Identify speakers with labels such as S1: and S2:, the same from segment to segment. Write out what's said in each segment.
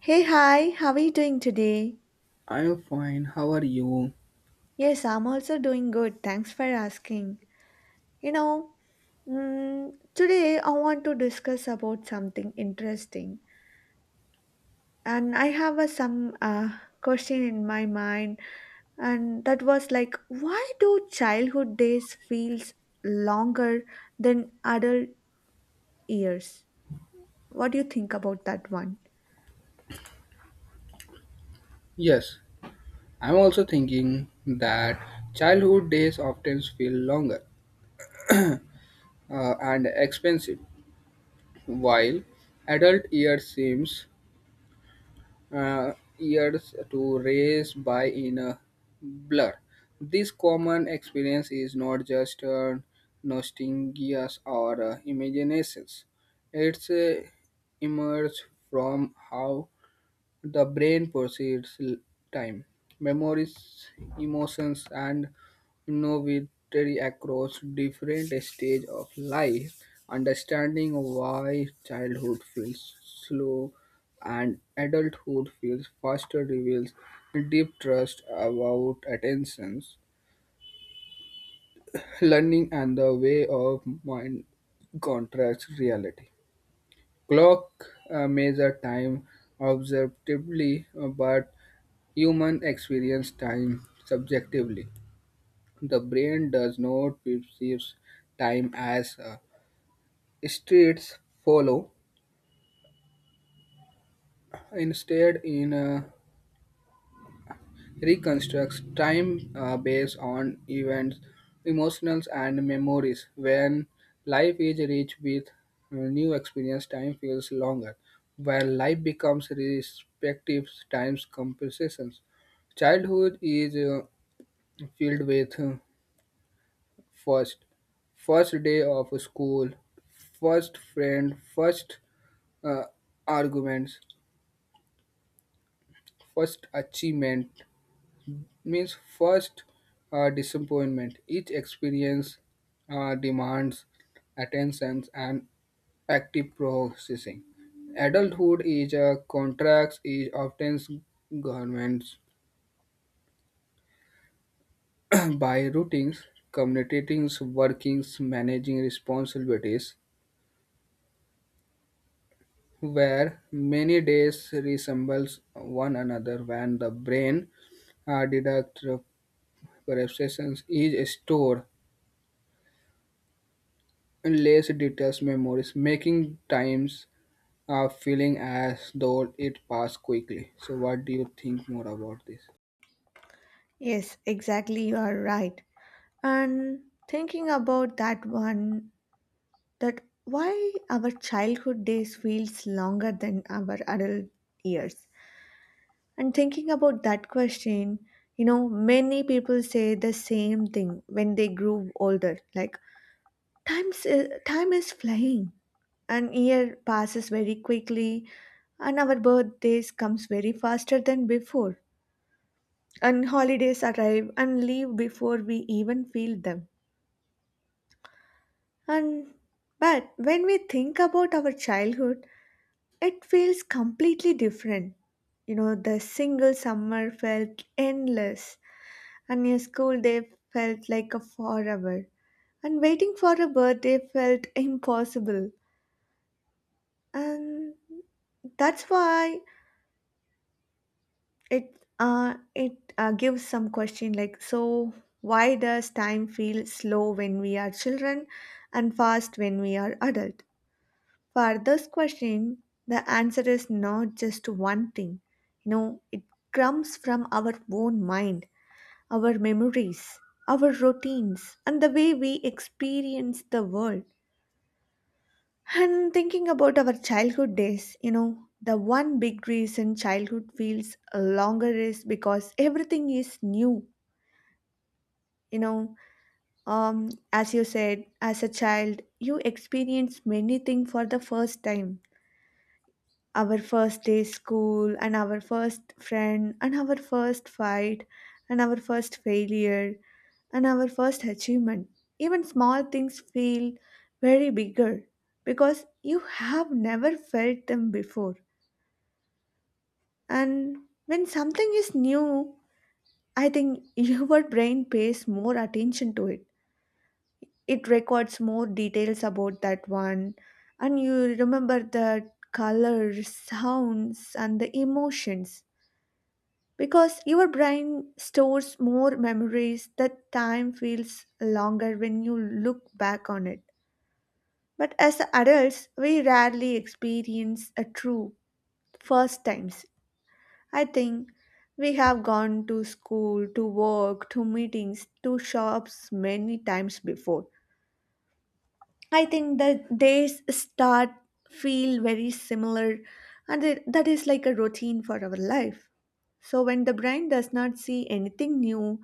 S1: Hey, hi, how are you doing today?
S2: I'm fine. How are you?
S1: Yes, I'm also doing good. Thanks for asking. You know, Today I want to discuss about something interesting, and I have a, some question in my mind, and that was like, why do childhood days feels longer than adult years? What do you think about that one?
S2: Yes, I'm also thinking that childhood days often feel longer and expensive, while adult years seems uh, years to race by in a blur. This common experience is not just nostalgia or imaginations; it's emerged from how the brain perceives time, memories, emotions, and innovatory across different stages of life. Understanding why childhood feels slow and adulthood feels faster reveals deep trust about attentions, learning, and the way of mind contracts reality. Clock measure time observatively, but human experience time subjectively. The brain does not perceive time as streets follow. Instead, it reconstructs time based on events, emotions, and memories. When life is rich with new experience, time feels longer. Where life becomes respective times compensations. Childhood is filled with first, first day of school, first friend, first uh, arguments, first achievement means first disappointment. Each experience demands attention and active processing. Adulthood is a contracts. Is often governments by routines, communicating workings, managing responsibilities, where many days resembles one another when the brain deduct perceptions is stored in less details memories making times feeling as though it passed quickly. So what do you think more about this?
S1: Yes, exactly, you are right. And thinking about that one, that why our childhood days feels longer than our adult years. And thinking about that question, you know, many people say the same thing when they grew older, like time is flying, an year passes very quickly, and our birthdays comes very faster than before, and holidays arrive and leave before we even feel them. And but when we think about our childhood, it feels completely different. You know, the single summer felt endless, and your school day felt like a forever. And waiting for a birthday felt impossible. And that's why it it gives some question like, so why does time feel slow when we are children and fast when we are adult? For this question, the answer is not just one thing. You know, it comes from our own mind, our memories, our routines, and the way we experience the world. And thinking about our childhood days, you know, the one big reason childhood feels longer is because everything is new. You know, as you said, as a child, you experience many things for the first time. Our first day school, and our first friend, and our first fight, and our first failure, and our first achievement. Even small things feel very bigger because you have never felt them before. And when something is new, I think your brain pays more attention to it, it records more details about that one, and you remember the colors, sounds, and the emotions. Because your brain stores more memories, that time feels longer when you look back on it. But as adults, we rarely experience a true first times. I think we have gone to school, to work, to meetings, to shops many times before. I think the days start feel very similar, and it, that is like a routine for our life. So when the brain does not see anything new,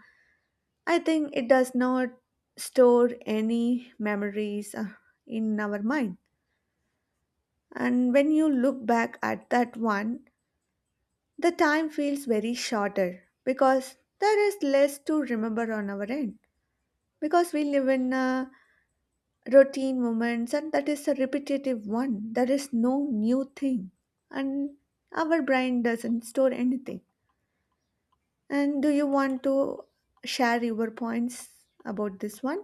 S1: I think it does not store any memories in our mind. And when you look back at that one, the time feels very shorter because there is less to remember on our end. Because we live in routine moments and that is a repetitive one. There is no new thing. And our brain doesn't store anything. And do you want to share your points about this one?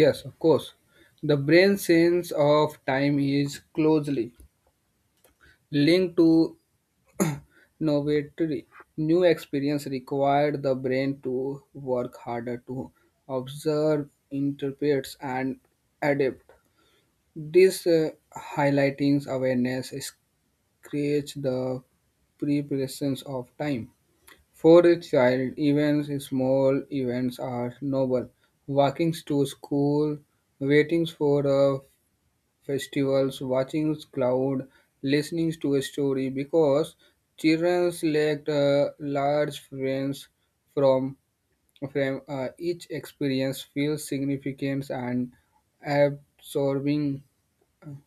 S2: Yes, of course. The brain sense of time is closely linked to novelty. New experience required the brain to work harder to observe, interpret, and adapt. This highlighting awareness creates the pre-presence of time. For a child, events, small events are noble. Walking to school, waiting for a festivals, watching cloud, listening to a story because children select large frames from frame. Each experience feels significant and absorbing.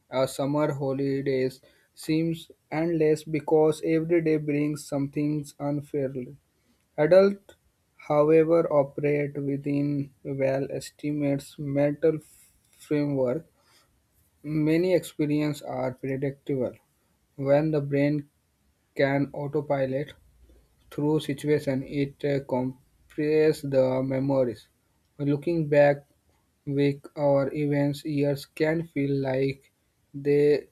S2: A summer holidays seems endless because every day brings something unfairly. Adults, however, operate within well estimates mental framework. Many experiences are predictable. When the brain can autopilot through situation, it compresses the memories. Looking back, week or events, years can feel like they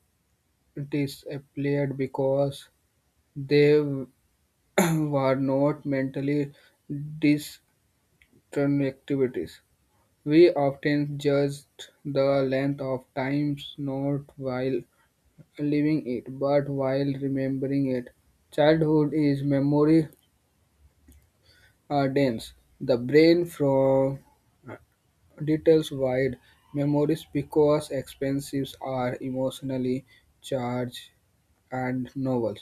S2: disappeared because they were not mentally disconnectivities. We often judge the length of times, not while living it, but while remembering it. Childhood is memory dense. The brain from details wide. Memories because expensives are emotionally charged and novel.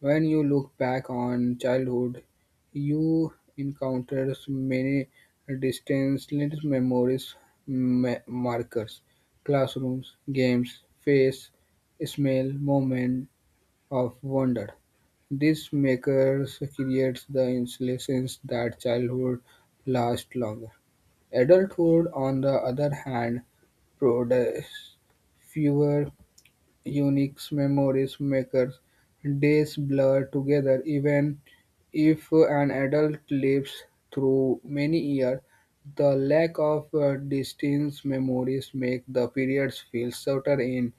S2: When you look back on childhood, you encounter many distant little memories markers, classrooms, games, face, smell, moment, of wonder. This makers creates the insulation that childhood lasts longer. Adulthood, on the other hand, produces fewer unique memories makers days blur together even if an adult lives through many years. The lack of distinct memories make the periods feel shorter in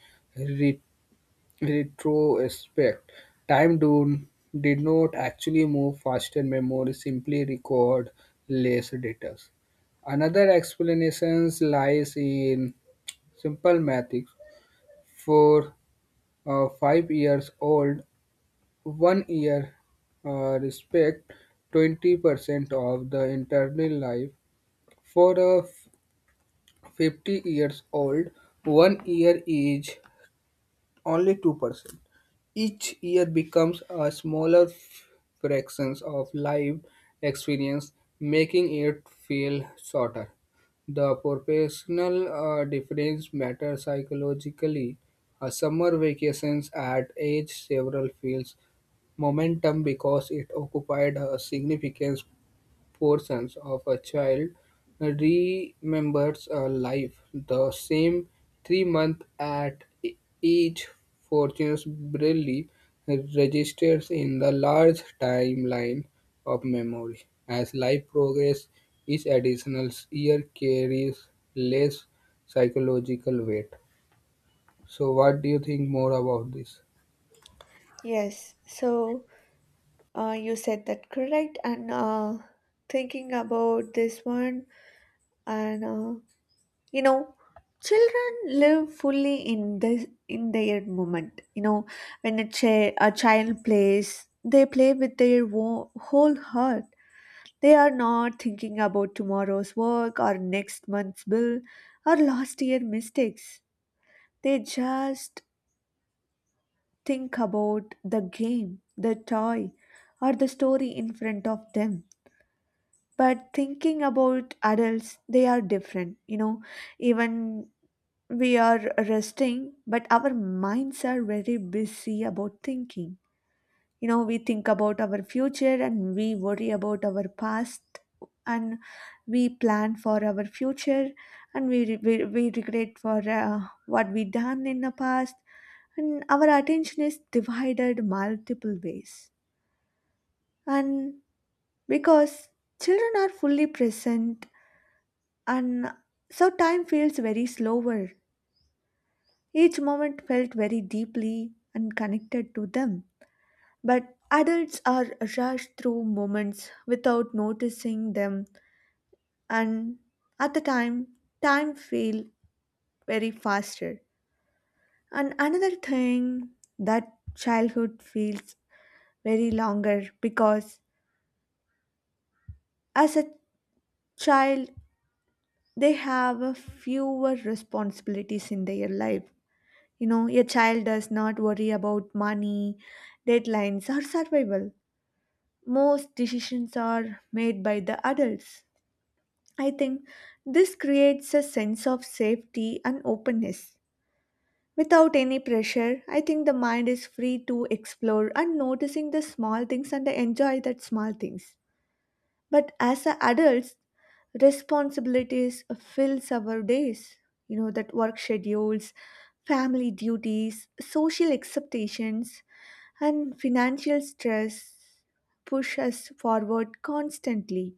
S2: retrospect, time do, did not actually move faster, memory simply record less data. Another explanation lies in simple mathematics. For a 5 years old, one year respect 20% of the internal life. For a 50 years old, one year is only 2%. Each year becomes a smaller fraction of life experience, making it feel shorter. The professional difference matters psychologically. A summer vacations at age several feels momentum because it occupied a significant portions of a child remembers a life the same 3 months at each fortunes barely registers in the large timeline of memory. As life progresses, each additional year carries less psychological weight. So what do you think more about this?
S1: Yes. So you said that correct, and thinking about this one, and you know, children live fully in this in their moment. You know, when a child plays, they play with their whole heart. They are not thinking about tomorrow's work or next month's bill or last year mistakes. They just think about the game, the toy, or the story in front of them. But thinking about adults, they are different, you know. Even we are resting, but our minds are very busy about thinking. You know, we think about our future and we worry about our past, and we plan for our future, and we regret for what we done in the past, and our attention is divided multiple ways. And because children are fully present. And so time feels very slower. Each moment felt very deeply and connected to them. But adults are rushed through moments without noticing them, and at the time, time feels very faster. And another thing, that childhood feels very longer because as a child, they have a fewer responsibilities in their life. You know, a child does not worry about money, deadlines, or survival. Most decisions are made by the adults. I think this creates a sense of safety and openness. Without any pressure, I think the mind is free to explore and noticing the small things and enjoy that small things. But as a adults, responsibilities fills our days. You know that, work schedules, family duties, social expectations, and financial stress push us forward constantly.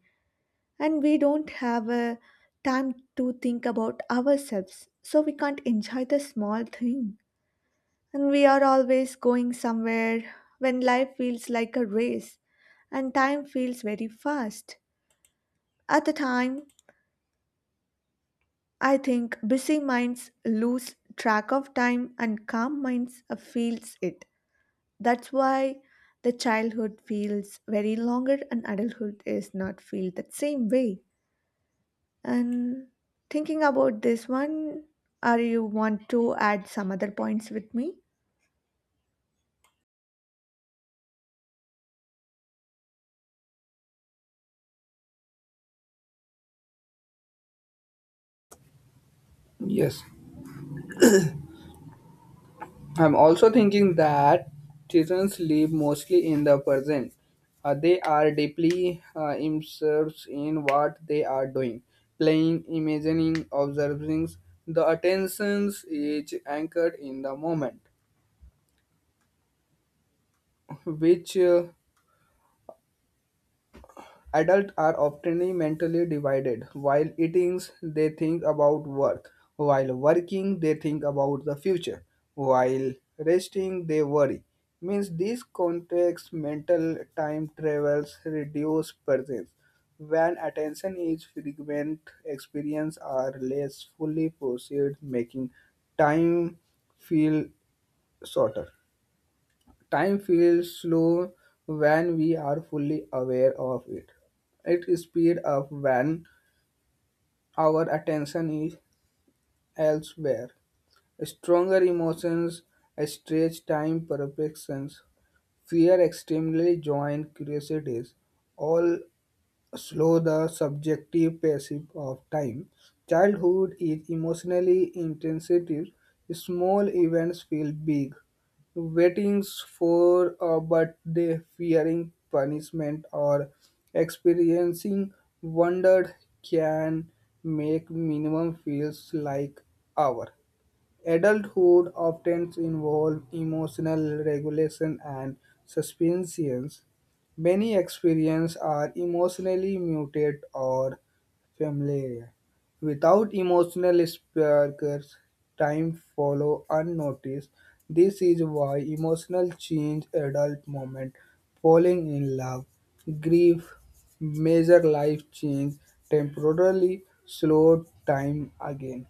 S1: And we don't have a time to think about ourselves, so we can't enjoy the small thing. And we are always going somewhere. When life feels like a race, and time feels very fast at the time, I think busy minds lose track of time and calm minds feels it. That's why the childhood feels very longer and adulthood is not feel that same way. And thinking about this one, are you want to add some other points with me?
S2: Yes, I'm also thinking that children live mostly in the present. They are deeply immersed in what they are doing, playing, imagining, observing. The attention is anchored in the moment, which adults are often mentally divided. While eating, they think about work. While working, they think about the future. While resting, they worry. Means this context mental time travels reduce presence. When attention is fragment, experience are less fully processed, making time feel shorter. Time feels slow when we are fully aware of it. It speeds up when our attention is elsewhere. Stronger emotions stretch time perceptions. Fear extremely join curiosities. All slow the subjective passage of time. Childhood is emotionally intensive. Small events feel big. Waitings for a birthday, fearing punishment, or experiencing wonder can make minimum feels like hour. Adulthood often involves emotional regulation and suspensions. Many experiences are emotionally muted or familiar. Without emotional sparkers, time follow unnoticed. This is why emotional change adult moment, falling in love, grief, major life change temporarily slow time again.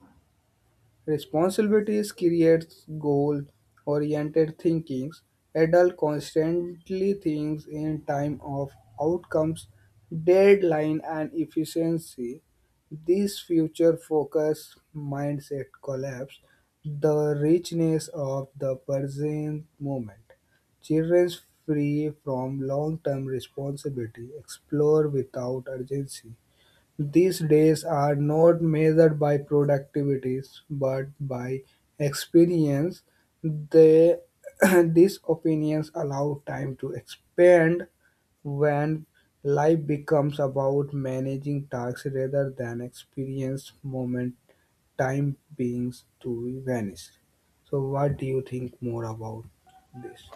S2: Responsibilities creates goal-oriented thinking. Adult constantly thinks in time of outcomes, deadline, and efficiency. This future-focused mindset collapse the richness of the present moment. Children free from long-term responsibility explore without urgency these days are not measured by productivities but by experience. They, these opinions allow time to expand when life becomes about managing tasks rather than experience moment time beings to vanish. So what do you think more about this?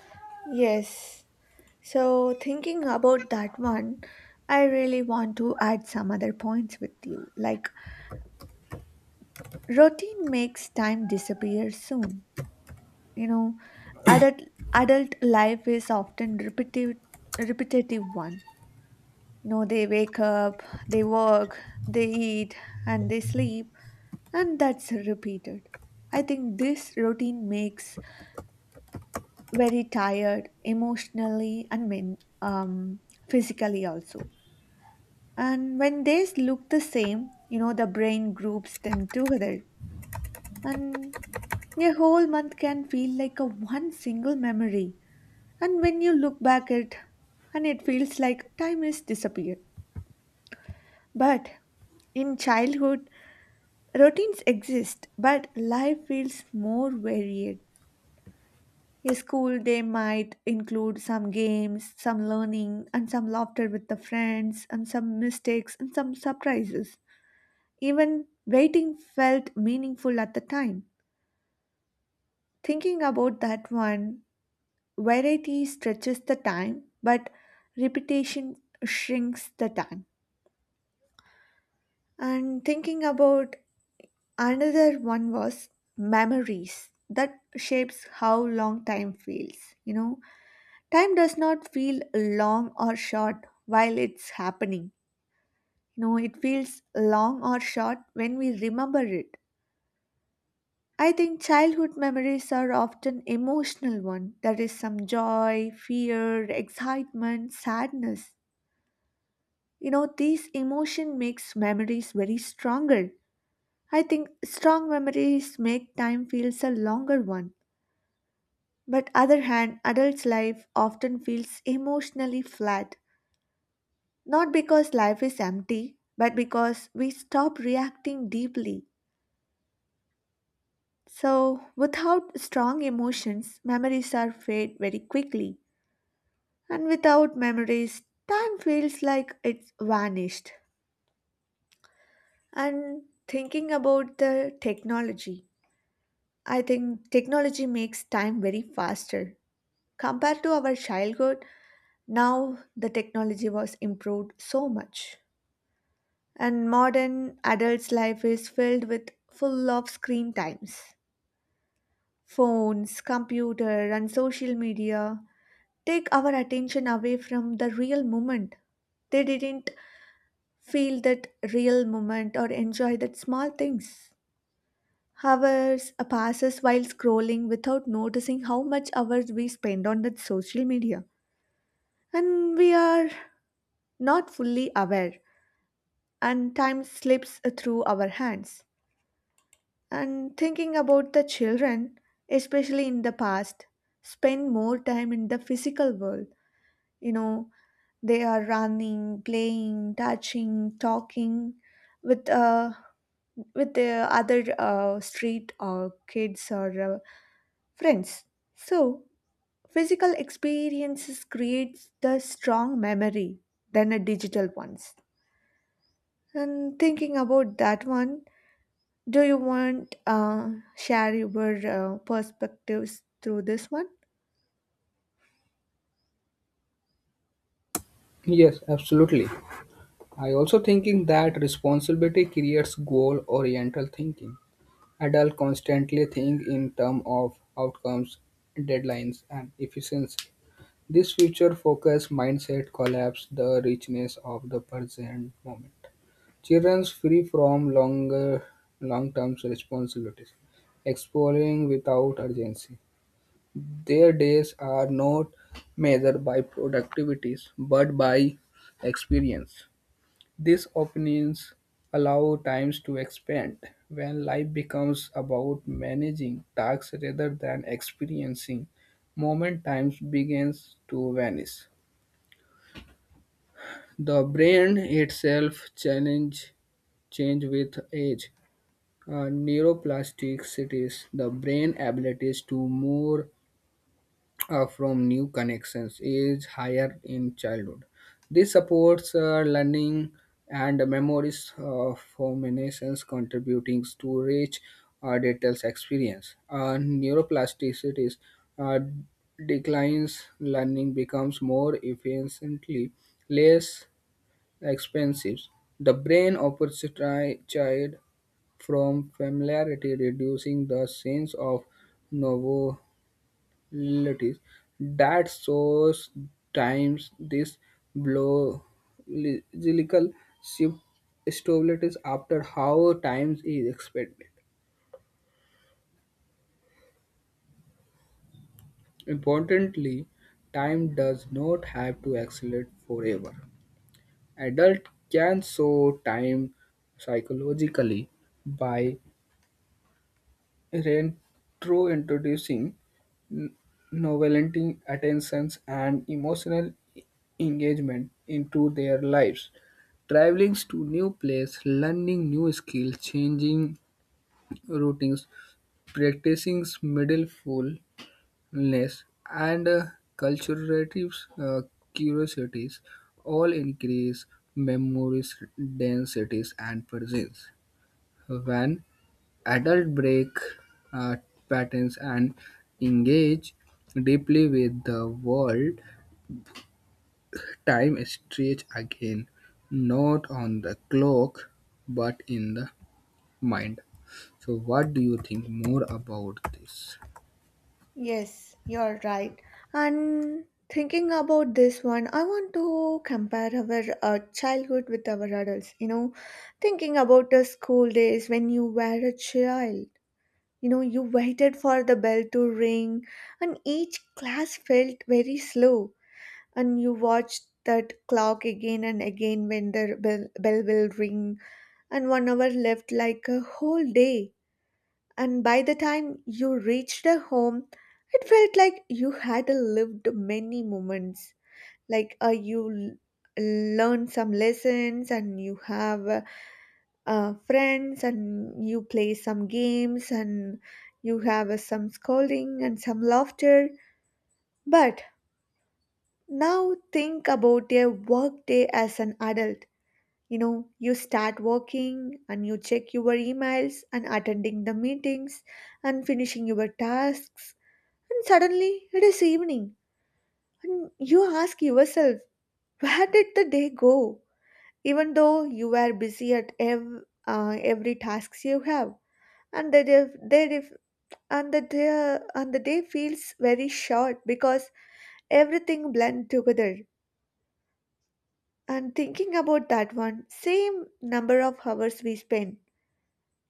S1: Yes. So thinking about that one, I really want to add some other points with you. Like, routine makes time disappear soon. You know, adult adult life is often repetitive, repetitive one. You know, they wake up, they work, they eat, and they sleep, and that's repeated. I think this routine makes very tired emotionally and physically also. And when days look the same, you know, the brain groups them together, and a whole month can feel like a one single memory. And when you look back at, and it feels like time has disappeared. But in childhood, routines exist, but life feels more varied. In school, they might include some games, some learning, and some laughter with the friends, and some mistakes, and some surprises. Even waiting felt meaningful at the time. Thinking about that one, variety stretches the time, but repetition shrinks the time. And thinking about, another one was memories that shapes how long time feels. You know, time does not feel long or short while it's happening. You know, it feels long or short when we remember it. I think childhood memories are often emotional one. There is some joy, fear, excitement, sadness. You know, these emotion makes memories very stronger. I think strong memories make time feels a longer one. But other hand, adults' life often feels emotionally flat, not because life is empty, but because we stop reacting deeply. So, without strong emotions, memories are fade very quickly, and without memories, time feels like it's vanished. And thinking about the technology, I think technology makes time very faster. Compared to our childhood, now the technology was improved so much. And modern adults' life is filled with full of screen times. Phones, computer, and social media take our attention away from the real moment. They didn't feel that real moment or enjoy that small things. Hours passes while scrolling without noticing how much hours we spend on that social media. And we are not fully aware, and time slips through our hands. And thinking about the children, especially in the past, spend more time in the physical world. You know, they are running, playing, touching, talking with uh, with the other street or kids or friends. So, physical experiences creates the strong memory than a digital ones. And thinking about that one, do you want share your perspectives through this one?
S2: Yes, absolutely. I also thinking that responsibility creates goal oriental thinking. Adults constantly think in terms of outcomes, deadlines, and efficiency. This future-focused mindset collapses the richness of the present moment. Children free from longer long-term responsibilities, exploring without urgency. Their days are not measured by productivities but by experience. These opinions allow times to expand when life becomes about managing tasks rather than experiencing moment times begins to vanish. The brain itself challenge change with age. Neuroplasticities, the brain abilities to more from new connections is higher in childhood. This supports learning and memories formations contributing to rich dental experience. Neuroplasticity uh, declines, learning becomes more efficiently less expensive. The brain operates child from familiarity, reducing the sense of novelty realities that shows times this biological shift stabilities after how time is expected. Importantly, time does not have to accelerate forever. Adult can show time psychologically by reintroducing n- novelenting attentions and emotional engagement into their lives. Traveling to new place, learning new skills, changing routines, practicing mindfulness, and culturative uh, curiosities all increase memories densities and presence. When adult break uh, patterns and engage deeply with the world time stretch again not on the clock but in the mind. So what do you think more about this?
S1: Yes, you're right. And thinking about this one, I want to compare our childhood with our adults. You know, thinking about the school days when you were a child. You know, you waited for the bell to ring, and each class felt very slow. And you watched that clock again and again when the bell will ring and 1 hour left like a whole day. And by the time you reached the home, it felt like you had lived many moments. Like you l- learned some lessons, and you have friends, and you play some games, and you have some scolding and some laughter. But now think about a work day as an adult. You know, you start working and you check your emails and attending the meetings and finishing your tasks, and suddenly it is evening and you ask yourself, where did the day go? Even though you were busy at every tasks you have, and that if and the day feels very short because everything blend together. And thinking about that one, same number of hours we spend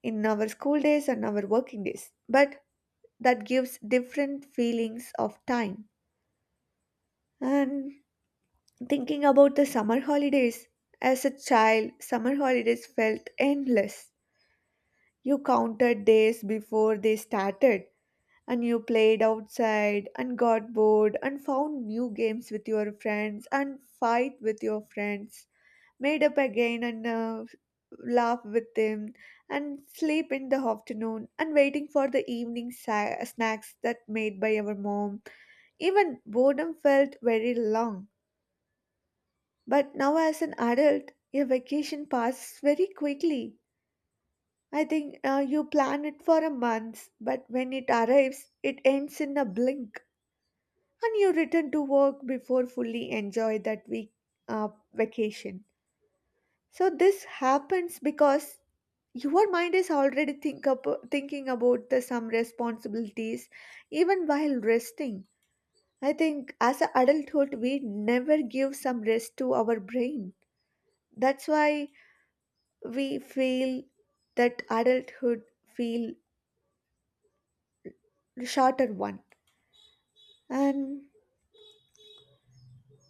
S1: in our school days and our working days, but that gives different feelings of time. And thinking about the summer holidays, as a child summer holidays felt endless. You counted days before they started, and you played outside and got bored and found new games with your friends and fight with your friends, made up again and laugh with them and sleep in the afternoon and waiting for the evening snacks that made by our mom. Even boredom felt very long. But now as an adult your vacation passes very quickly. I think you plan it for a month, but when it arrives it ends in a blink, and you return to work before fully enjoy that week. uh, Vacation. So this happens because your mind is already thinking about the some responsibilities even while resting. I think as an adulthood we never give some rest to our brain. That's why we feel that adulthood feel shorter one. And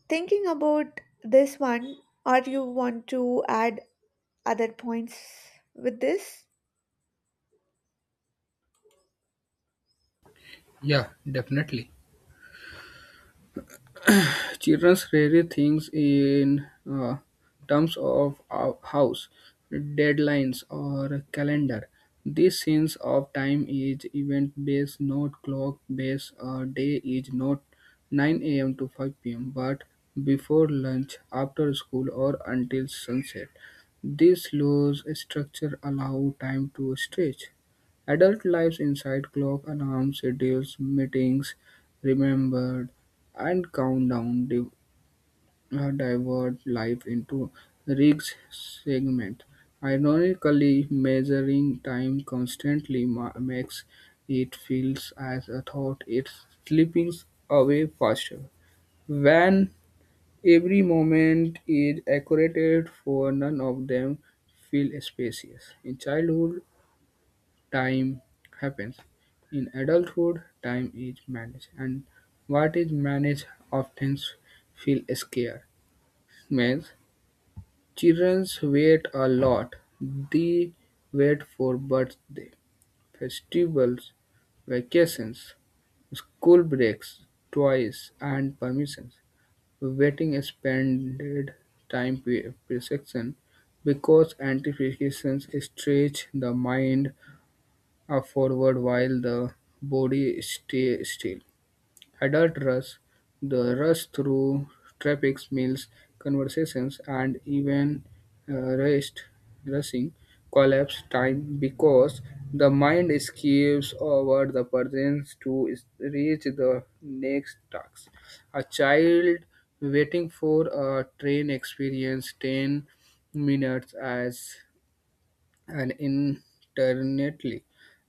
S1: thinking about this one, or you want to add other points with this?
S2: Yeah, definitely. Children rarely think in terms of house, deadlines, or calendar. This sense of time is event-based, not clock-based. A day is not 9 a.m. to 5 p.m., but before lunch, after school, or until sunset. This loose structure allow time to stretch. Adult lives inside clock alarm schedules, meetings remembered, and countdown divide life into rigs segments. Ironically, measuring time constantly makes it feels as a thought it's slipping away faster. When every moment is accurate for none of them feel spacious. In childhood, time happens. In adulthood, time is managed, and what is managed often feels scarce. Means children wait a lot. They wait for birthday, festivals, vacations, school breaks, toys, and permissions. Waiting expanded time perception because anticipations stretch the mind forward while the body stay still. Adult rush, the rush through traffic, meals, conversations, and even rest, rushing, collapse time because the mind skips over the present to reach the next task. A child waiting for a train experience 10 minutes as and internetly,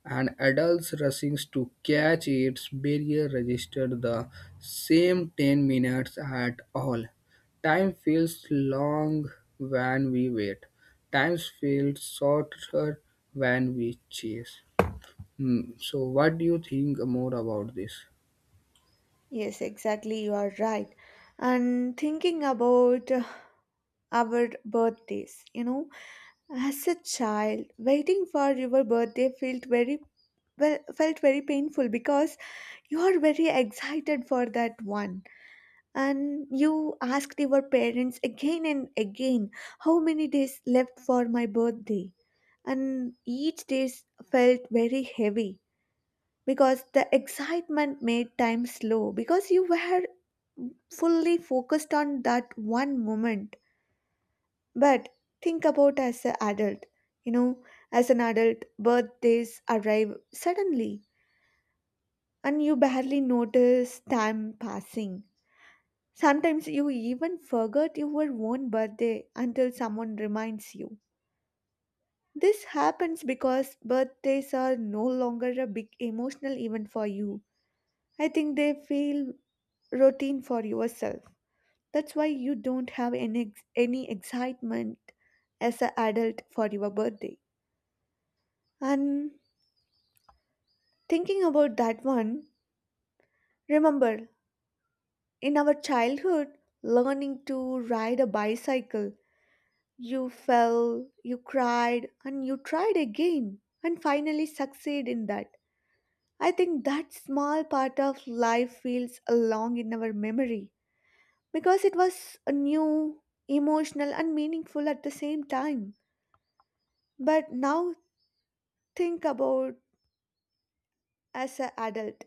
S2: and adults rushing to catch its barrier registered the same 10 minutes at all. Time feels long when we wait. Time feels shorter when we chase. Hmm. So, what do you think more about this?
S1: Yes, exactly, you are right. And thinking about our birthdays, you know, as a child waiting for your birthday felt very, well, felt very painful because you are very excited for that one. And you asked your parents again and again, how many days left for my birthday? And each day felt very heavy because the excitement made time slow, because you were fully focused on that one moment. But think about as an adult. You know, as an adult, birthdays arrive suddenly and you barely notice time passing. Sometimes you even forget your own birthday until someone reminds you. This happens because birthdays are no longer a big emotional event for you. I think they feel routine for yourself. That's why you don't have any excitement as an adult for your birthday. And thinking about that one, remember in our childhood, learning to ride a bicycle, you fell, you cried, and you tried again and finally succeed in that. I think that small part of life feels along in our memory because it was a new, emotional, and meaningful at the same time. But now think about, as an adult,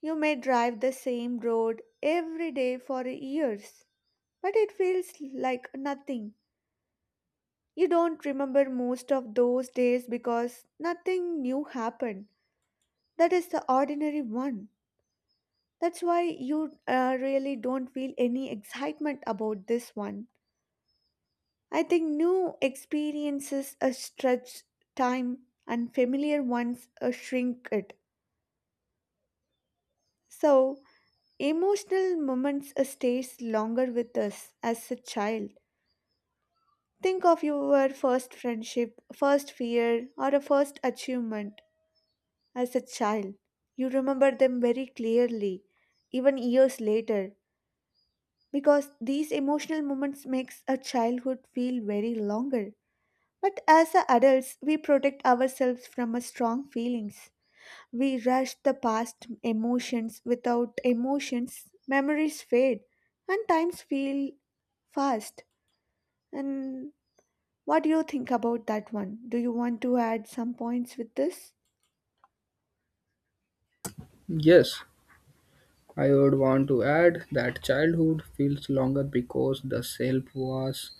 S1: you may drive the same road every day for years, but it feels like nothing. You don't remember most of those days because nothing new happened. That is the ordinary one. That's why you really don't feel any excitement about this one. I think new experiences stretch time, and familiar ones shrink it. So, emotional moments stays longer with us as a child. Think of your first friendship, first fear, or a first achievement. As a child, you remember them very clearly, even years later, because these emotional moments makes a childhood feel very longer. But as a adults, we protect ourselves from a strong feelings. We rush the past emotions without emotions, memories fade, and times feel fast. And what do you think about that one? Do you want to add some points with this?
S2: Yes, I would want to add that childhood feels longer because the self was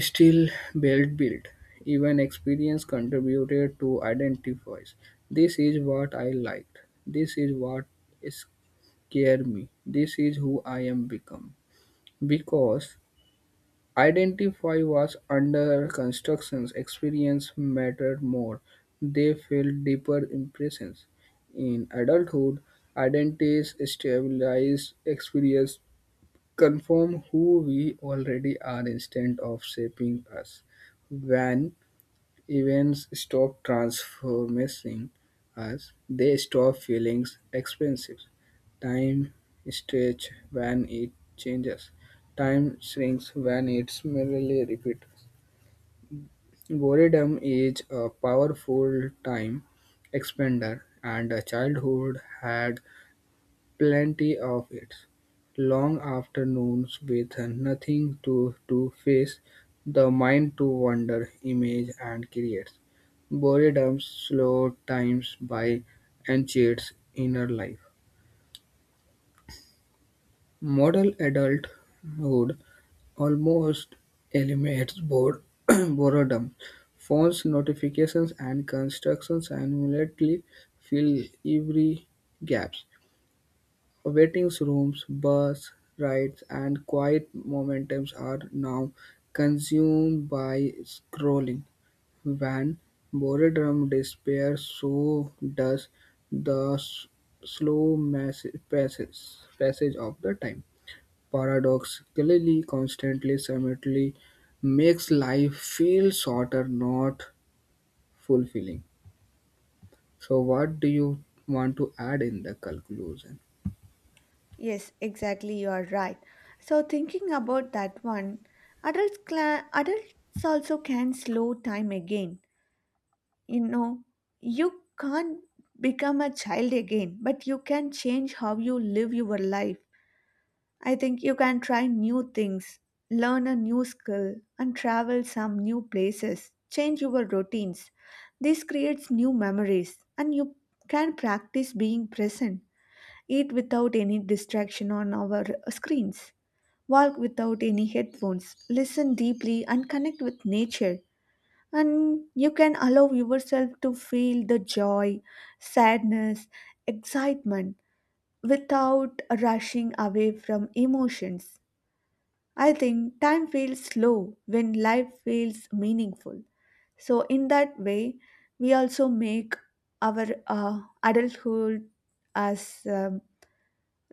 S2: still, belt build, even experience contributed to identifies. This is what I liked. This is what scared me. This is who I am become. Because identify was under constructions, experience mattered more. They felt deeper impressions. In adulthood, identities stabilize experience confirm who we already are instead of shaping us. When events stop transforming us, they stop feeling expensive. Time stretch when it changes. Time shrinks when it's merely repeated. Boredom is a powerful time expander, and a childhood had plenty of it, long afternoons with nothing to do face the mind to wander, image and create. Boredom slow times by enchants inner life. Modern adulthood almost eliminates bored boredom. Phones, notifications, and constructions annually fill every gaps. Waiting rooms, bus rides, and quiet momentums are now consumed by scrolling. When boredom disappears, so does the slow passage of the time. Paradoxically, constantly simultaneously makes life feel shorter, not fulfilling. So, what do you want to add in the conclusion?
S1: Yes, exactly, you are right. So, thinking about that one, adults, cla adults also can slow time again. You know, you can't become a child again, but you can change how you live your life. I think you can try new things, learn a new skill, and travel some new places, change your routines. This creates new memories, and you can practice being present, eat without any distraction on our screens. Walk without any headphones, listen deeply, and connect with nature. And you can allow yourself to feel the joy, sadness, excitement without rushing away from emotions. I think time feels slow when life feels meaningful. So, in that way, we also make our adulthood as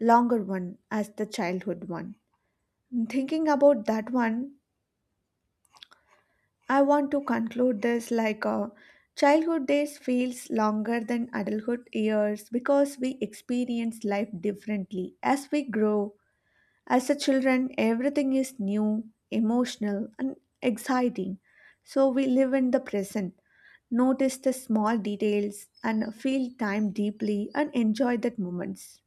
S1: longer one as the childhood one. Thinking about that one, I want to conclude this like a childhood days feels longer than adulthood years because we experience life differently as we grow. As a children, everything is new, emotional, and exciting. So we live in the present, notice the small details, and feel time deeply and enjoy that moments.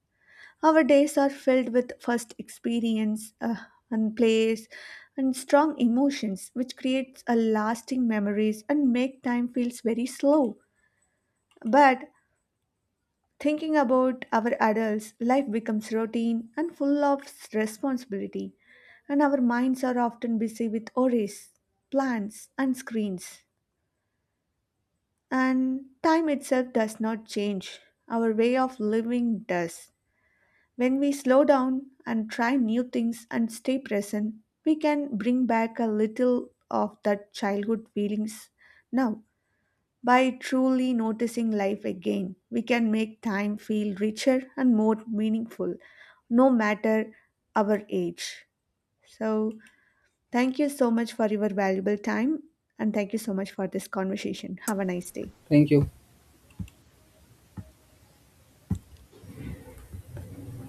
S1: Our days are filled with first experience and plays and strong emotions, which creates a lasting memories and make time feels very slow. But thinking about our adults, life becomes routine and full of responsibility, and our minds are often busy with worries, plans, and screens. And time itself does not change; our way of living does. When we slow down and try new things and stay present, we can bring back a little of that childhood feelings. Now, by truly noticing life again, we can make time feel richer and more meaningful, no matter our age. So, thank you so much for your valuable time and thank you so much for this conversation. Have a nice day.
S2: Thank you.